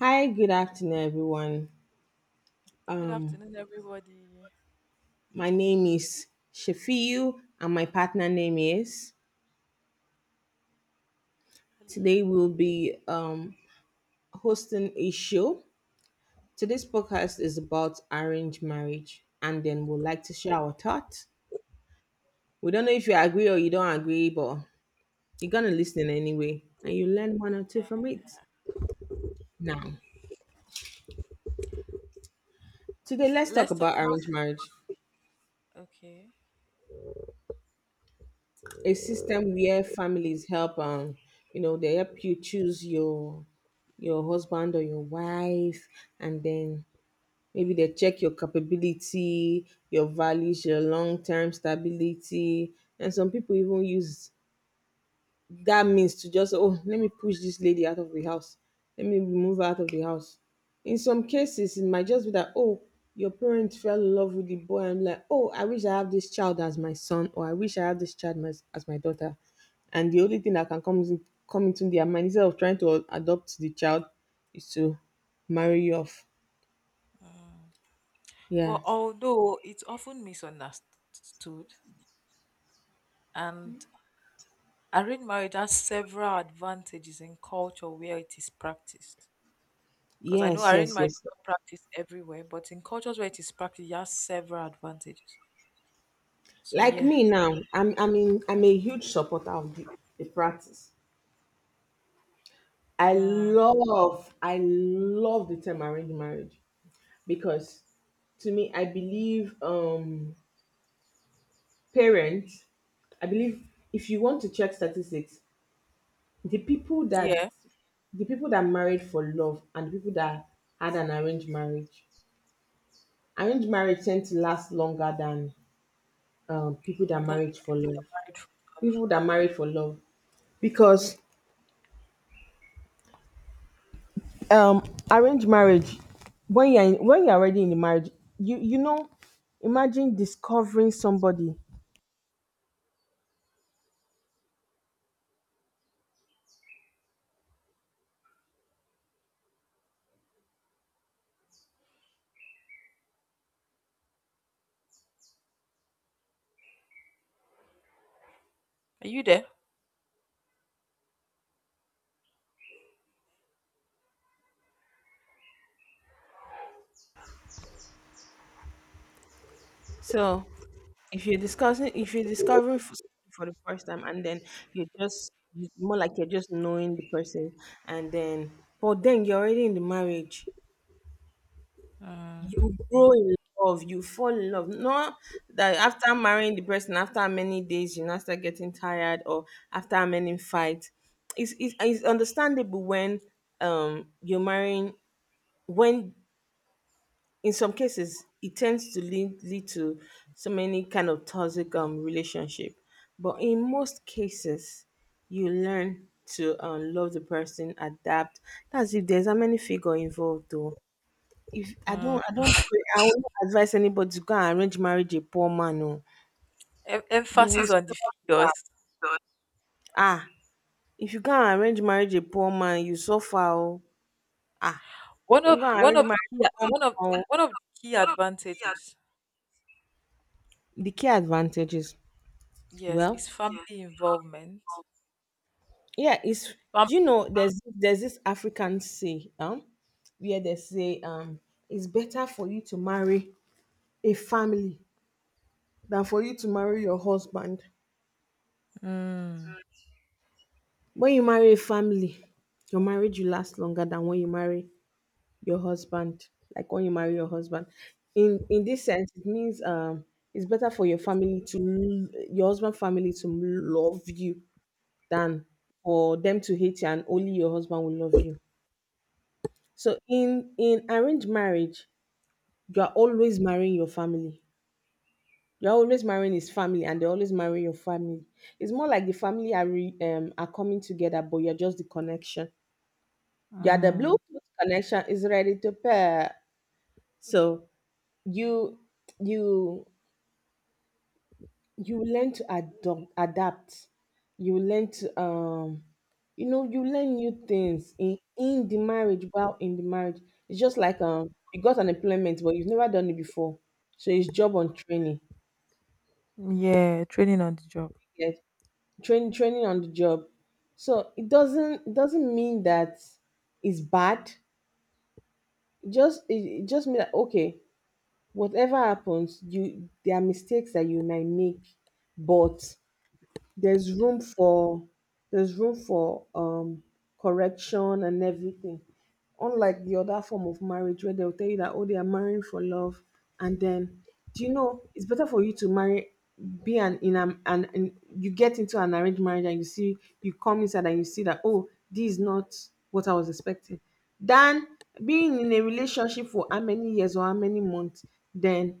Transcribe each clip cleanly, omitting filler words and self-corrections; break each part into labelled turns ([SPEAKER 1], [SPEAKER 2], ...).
[SPEAKER 1] Hi, good afternoon, everyone.
[SPEAKER 2] Good
[SPEAKER 1] Um,
[SPEAKER 2] afternoon, everybody.
[SPEAKER 1] my name is Shafiu, and my partner name is. Today
[SPEAKER 2] Hello.
[SPEAKER 1] we'll be hosting a show. Today's podcast is about arranged marriage, and then we'll like to share our thoughts. We don't know if you agree or you don't agree, but you're gonna listen anyway, and you learn one or two
[SPEAKER 2] Yeah,
[SPEAKER 1] from it. Now, today let's talk
[SPEAKER 2] let's talk.
[SPEAKER 1] about arranged marriage.
[SPEAKER 2] Okay.
[SPEAKER 1] A system where families help they help you choose your husband or your wife, and then maybe they check your capability, your values, your long-term stability. And some people even use that means to just, oh, let me push this lady out of the house, let me remove her out of the house. In some cases it might just be that, oh, your parents fell in love with the boy and like, oh, I wish I have this child as my son, or I wish I have this child as my daughter, and the only thing that can come, come into their mind instead of trying to adopt the child is to marry you off.
[SPEAKER 2] Mm.
[SPEAKER 1] Yeah,
[SPEAKER 2] But although it's often misunderstood, and arranged marriage has several advantages in culture where it is practiced. Because I know
[SPEAKER 1] yes yes
[SPEAKER 2] arranged
[SPEAKER 1] yes
[SPEAKER 2] marriage is not practiced everywhere, but in cultures where it is practiced, it has several advantages. So
[SPEAKER 1] Like
[SPEAKER 2] yeah.
[SPEAKER 1] me now, I mean I'm a huge supporter of the practice.
[SPEAKER 2] Mm.
[SPEAKER 1] I love the term arranged marriage, because to me, I believe parents, I believe, if you want to check statistics, the people
[SPEAKER 2] Yeah,
[SPEAKER 1] that the people that married for love and the people that had an arranged marriage tend to last longer than people that
[SPEAKER 2] that the
[SPEAKER 1] married for
[SPEAKER 2] people that
[SPEAKER 1] love.
[SPEAKER 2] married for love.
[SPEAKER 1] People that married for love, because um arranged marriage, when you're already in the marriage, you know, imagine discovering somebody.
[SPEAKER 2] Are you there?
[SPEAKER 1] So if you're discovering for the first time, and then you're just more like you're just knowing the person, and then, but then you're already in the marriage. You
[SPEAKER 2] Mm.
[SPEAKER 1] grow in love, you fall in love. Not that after marrying the person, after many days, you now start getting tired, or after many fights. It's understandable when you're marrying, when, in some cases, it tends to lead to so many kind of toxic relationship. But in most cases, you learn to love the person, adapt. That's if there's a many figure involved though. If I don't
[SPEAKER 2] Mm.
[SPEAKER 1] I don't pray, I will not advise anybody to go and arrange marriage a poor man. Oh, you will,
[SPEAKER 2] Emphasis on the figures.
[SPEAKER 1] ah, if you go and arrange marriage a poor man, you suffer. Oh, ah, don't go and
[SPEAKER 2] One
[SPEAKER 1] arrange
[SPEAKER 2] of the key
[SPEAKER 1] marriage.
[SPEAKER 2] one of the key advantages,
[SPEAKER 1] Oh, the key advantages.
[SPEAKER 2] yes,
[SPEAKER 1] Well,
[SPEAKER 2] is family involvement.
[SPEAKER 1] yeah, it's,
[SPEAKER 2] Fam-
[SPEAKER 1] do you know there's this African say, where they say, it's better for you to marry a family than for you to marry your husband.
[SPEAKER 2] Mm,
[SPEAKER 1] When you marry a family, your marriage will last longer than when you marry your husband, like when you marry your husband. In this sense, it means, it's better for your family to your husband family to love you than for them to hate you and only your husband will love you. So in arranged marriage, you are always marrying your family. You're always marrying his family, and they always marry your family. It's more like the family are are coming together, but you're just the connection. You are the
[SPEAKER 2] mm.
[SPEAKER 1] Bluetooth connection is ready to pair. So you you you learn to adapt. You learn to you learn new things in the marriage, while in the marriage it's just like, you got an employment but you've never done it before, so it's job on training.
[SPEAKER 2] Yeah, training on the job.
[SPEAKER 1] Yes, training on the job. So it doesn't mean that it's bad. It just, it just means that, okay, whatever happens, you, there are mistakes that you might make, but there's room for, there's room for, correction and everything. Unlike the other form of marriage where they'll tell you that, oh, they are marrying for love, and then, do you know, it's better for you to marry, be an in an, an in, you get into an arranged marriage and you see, you come inside and you see that, oh, this is not what I was expecting, than being in a relationship for how many years or how many months, then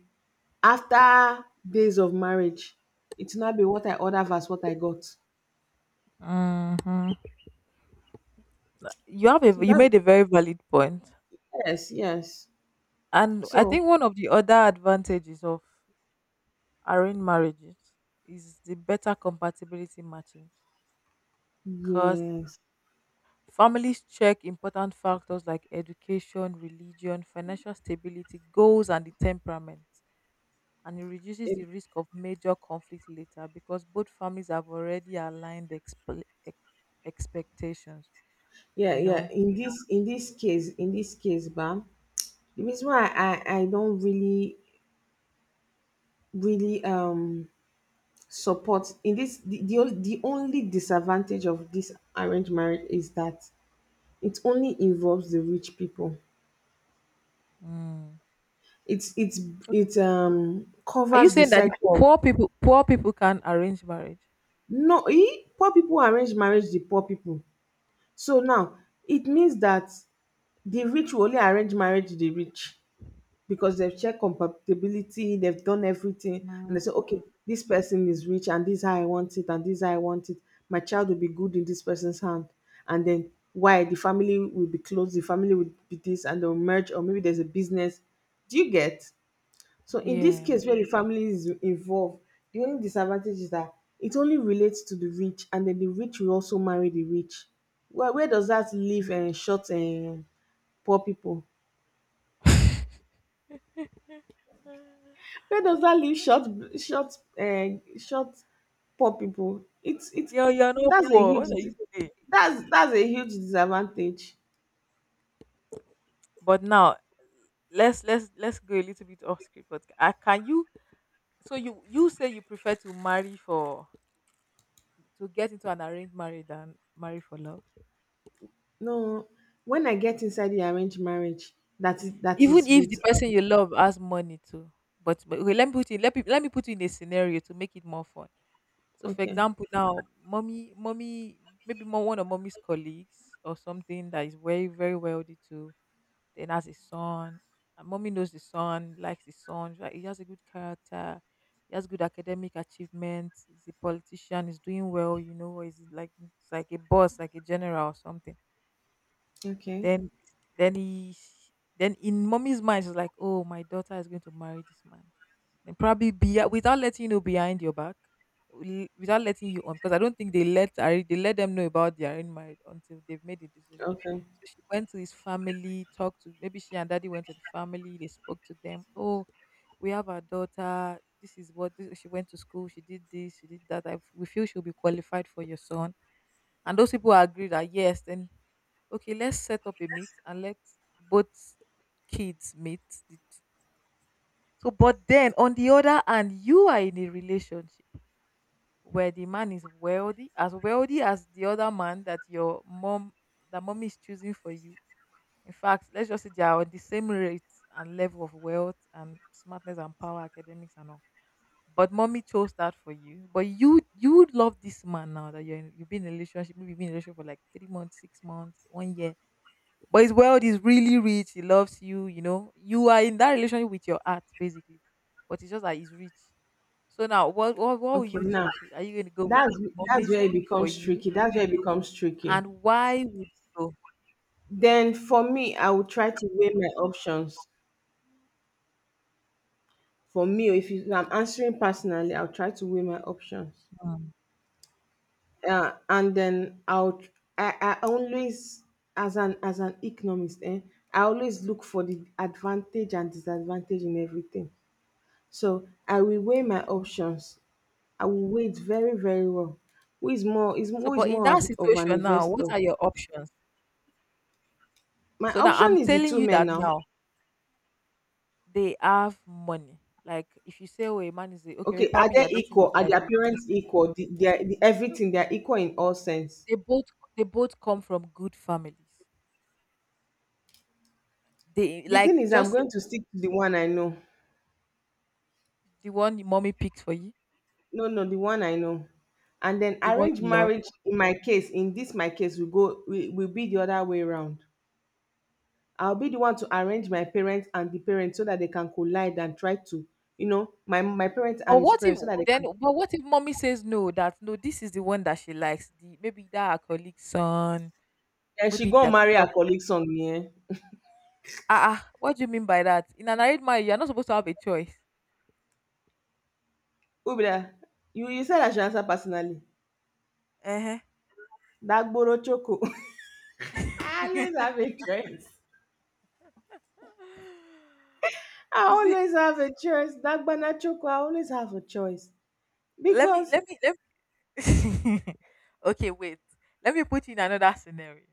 [SPEAKER 1] after days of marriage, it's not be what I order versus what I got.
[SPEAKER 2] Hmm.
[SPEAKER 1] So
[SPEAKER 2] You
[SPEAKER 1] that's,
[SPEAKER 2] made a very valid point,
[SPEAKER 1] yes, yes.
[SPEAKER 2] and I
[SPEAKER 1] So
[SPEAKER 2] think one of the other advantages of arranged marriages is the better compatibility matching, because
[SPEAKER 1] yes,
[SPEAKER 2] families check important factors like education, religion, financial stability, goals, and the temperament. And it reduces the
[SPEAKER 1] it,
[SPEAKER 2] risk of major conflict later because both families have already aligned expectations
[SPEAKER 1] yeah,
[SPEAKER 2] you
[SPEAKER 1] yeah.
[SPEAKER 2] know
[SPEAKER 1] In this case, in this case, Bam, the reason why I don't really support in this the only disadvantage of this arranged marriage is that it only involves the rich people.
[SPEAKER 2] mm.
[SPEAKER 1] It's it's it
[SPEAKER 2] Are you
[SPEAKER 1] covers the
[SPEAKER 2] saying that the
[SPEAKER 1] cycle.
[SPEAKER 2] poor people poor people can arrange marriage?
[SPEAKER 1] No, e poor people arrange marriage the poor people. So now, it means that the rich will only arrange marriage to the rich, because they've checked compatibility, they've done everything, and
[SPEAKER 2] Mm,
[SPEAKER 1] they say, okay, this person is rich, and this is how I want it, and this is how I want it. My child will be good in this person's hand. And then why the family will be close, the family will be this, and they'll merge, or maybe there's a business. Do you get? So in this
[SPEAKER 2] yeah.
[SPEAKER 1] case where the family is involved, the only disadvantage is that it only relates to the rich, and then the rich will also marry the rich. Where does that leave short and poor people? Where does that leave short, short uh short poor people? It's
[SPEAKER 2] Girl, you're not
[SPEAKER 1] that's a
[SPEAKER 2] poor.
[SPEAKER 1] huge
[SPEAKER 2] What are you saying?
[SPEAKER 1] that's a huge disadvantage.
[SPEAKER 2] But now, let's go a little bit off script. But can you? So you say you prefer to marry for to get into an arranged marriage than marry for love,
[SPEAKER 1] No, when I get inside the arranged marriage, that is
[SPEAKER 2] even if the
[SPEAKER 1] with
[SPEAKER 2] person you love has money too. But okay, let me put you in a scenario to make it more fun. So for
[SPEAKER 1] okay,
[SPEAKER 2] example, now mommy maybe more one of mommy's colleagues or something that is very very wealthy too. Then has a son. And mommy knows the son, likes the son. She's like, he has a good character. He has good academic achievements. He's a politician. He's doing well. He's like a boss, like a general or something.
[SPEAKER 1] okay,
[SPEAKER 2] Then then he then in mommy's mind, she's like, "Oh, my daughter is going to marry this man." Then probably be without letting you know behind your back. Without letting you on, because I don't think they they let them know about their own marriage until they've made the decision.
[SPEAKER 1] okay,
[SPEAKER 2] So she went to his family, talked to, maybe she and daddy went to the family, they spoke to them. "Oh, we have our daughter. This is what this, she went to school. She did this. She did that. We feel she'll be qualified for your son." And those people agreed that yes. Then okay, let's set up a meet and let both kids meet the t- so but then on the other hand, you are in a relationship where the man is wealthy, as wealthy as the other man that your mom that mommy is choosing for you. In fact, let's just say they are on the same rate and level of wealth and smartness and power, academics and all, but mommy chose that for you. But you love this man now that you've been in a relationship, maybe you've been in a relationship for like 3 months, 6 months, one year, but his world is really rich. He loves you. You know, you are in that relationship with your art, basically, but it's just that he's rich. So now, what will
[SPEAKER 1] okay.
[SPEAKER 2] you
[SPEAKER 1] Now,
[SPEAKER 2] choose? Are you going to go with
[SPEAKER 1] That's that's
[SPEAKER 2] mommy
[SPEAKER 1] where it
[SPEAKER 2] speak for
[SPEAKER 1] becomes
[SPEAKER 2] you,
[SPEAKER 1] tricky. That's where it becomes tricky.
[SPEAKER 2] and why would you go?
[SPEAKER 1] Then for me, I will try to weigh my options. For me, if you, I'm answering personally, I'll try to weigh my options.
[SPEAKER 2] Mm,
[SPEAKER 1] And then I'll, I always, as an economist, eh, I always look for the advantage and disadvantage in everything. So I will weigh my
[SPEAKER 2] okay.
[SPEAKER 1] options. I will weigh it very, very well.
[SPEAKER 2] So,
[SPEAKER 1] Who is
[SPEAKER 2] but in
[SPEAKER 1] more
[SPEAKER 2] that
[SPEAKER 1] of an
[SPEAKER 2] situation now, what
[SPEAKER 1] investor?
[SPEAKER 2] are your options?
[SPEAKER 1] My
[SPEAKER 2] So now I'm
[SPEAKER 1] option is the
[SPEAKER 2] telling
[SPEAKER 1] two
[SPEAKER 2] you
[SPEAKER 1] men
[SPEAKER 2] that
[SPEAKER 1] now.
[SPEAKER 2] now they have money. Like if you say, "Oh, a man is a, okay,"
[SPEAKER 1] Okay, are
[SPEAKER 2] probably
[SPEAKER 1] they
[SPEAKER 2] you're dating,
[SPEAKER 1] equal?
[SPEAKER 2] the
[SPEAKER 1] Are
[SPEAKER 2] guy is
[SPEAKER 1] their
[SPEAKER 2] a
[SPEAKER 1] parents
[SPEAKER 2] business.
[SPEAKER 1] equal? They are, the, everything, they are equal in all sense.
[SPEAKER 2] They both they both come from good families. They
[SPEAKER 1] The thing
[SPEAKER 2] like
[SPEAKER 1] is, I'm
[SPEAKER 2] just
[SPEAKER 1] going to stick to the one I know.
[SPEAKER 2] the one your mommy picked for you.
[SPEAKER 1] No, no, the one I know. And then
[SPEAKER 2] The one
[SPEAKER 1] arranged
[SPEAKER 2] you love.
[SPEAKER 1] marriage, in my case, in this my case, we will be the other way around. I'll be the one to arrange my parents and the parents so that they can collide and try to, you know, my parents and
[SPEAKER 2] But
[SPEAKER 1] his
[SPEAKER 2] what if
[SPEAKER 1] parents so that they
[SPEAKER 2] then
[SPEAKER 1] can.
[SPEAKER 2] but what if mommy says no, that no, this is the one that she likes. The maybe that her colleague's son,
[SPEAKER 1] Then she
[SPEAKER 2] maybe
[SPEAKER 1] go
[SPEAKER 2] like
[SPEAKER 1] marry her colleague son, yeah.
[SPEAKER 2] what do you mean by that? In an arranged marriage, you're not supposed to have a choice.
[SPEAKER 1] Who be that? You said I should answer personally.
[SPEAKER 2] Uh-huh.
[SPEAKER 1] That Boro Choco. I always have a choice. I
[SPEAKER 2] You see,
[SPEAKER 1] always have a choice. That banana banachoko, I always have a choice.
[SPEAKER 2] let me
[SPEAKER 1] Because
[SPEAKER 2] let me let me Okay, wait. Let me put you in another scenario.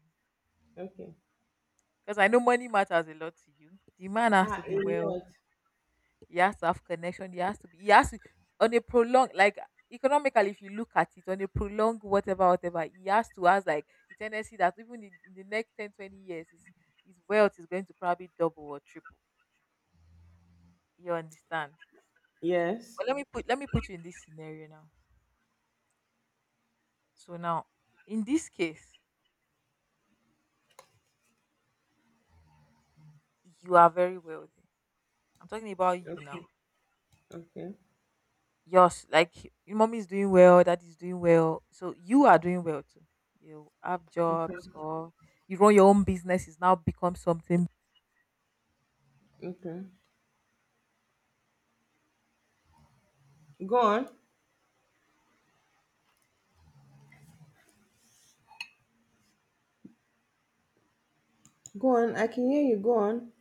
[SPEAKER 1] okay.
[SPEAKER 2] Because I know money matters a lot to you. The man has
[SPEAKER 1] Ah,
[SPEAKER 2] to be
[SPEAKER 1] a
[SPEAKER 2] well.
[SPEAKER 1] lot.
[SPEAKER 2] He has to have connection. He has to be. He has to on a prolonged like economically. If you look at it on a prolonged whatever whatever, he has to has like the tendency that even in the next 10, 20 years, his wealth is going to probably double or triple. You understand?
[SPEAKER 1] Yes.
[SPEAKER 2] But let me put you in this scenario now. So now, in this case, you are very wealthy. I'm talking about you
[SPEAKER 1] Okay.
[SPEAKER 2] now.
[SPEAKER 1] Okay.
[SPEAKER 2] Yes, like your mommy is doing well, dad is doing well. So you are doing well too. You have
[SPEAKER 1] Okay.
[SPEAKER 2] jobs or you run your own business, it's now become something
[SPEAKER 1] Okay. Go on. Go on. I can hear you. Go on.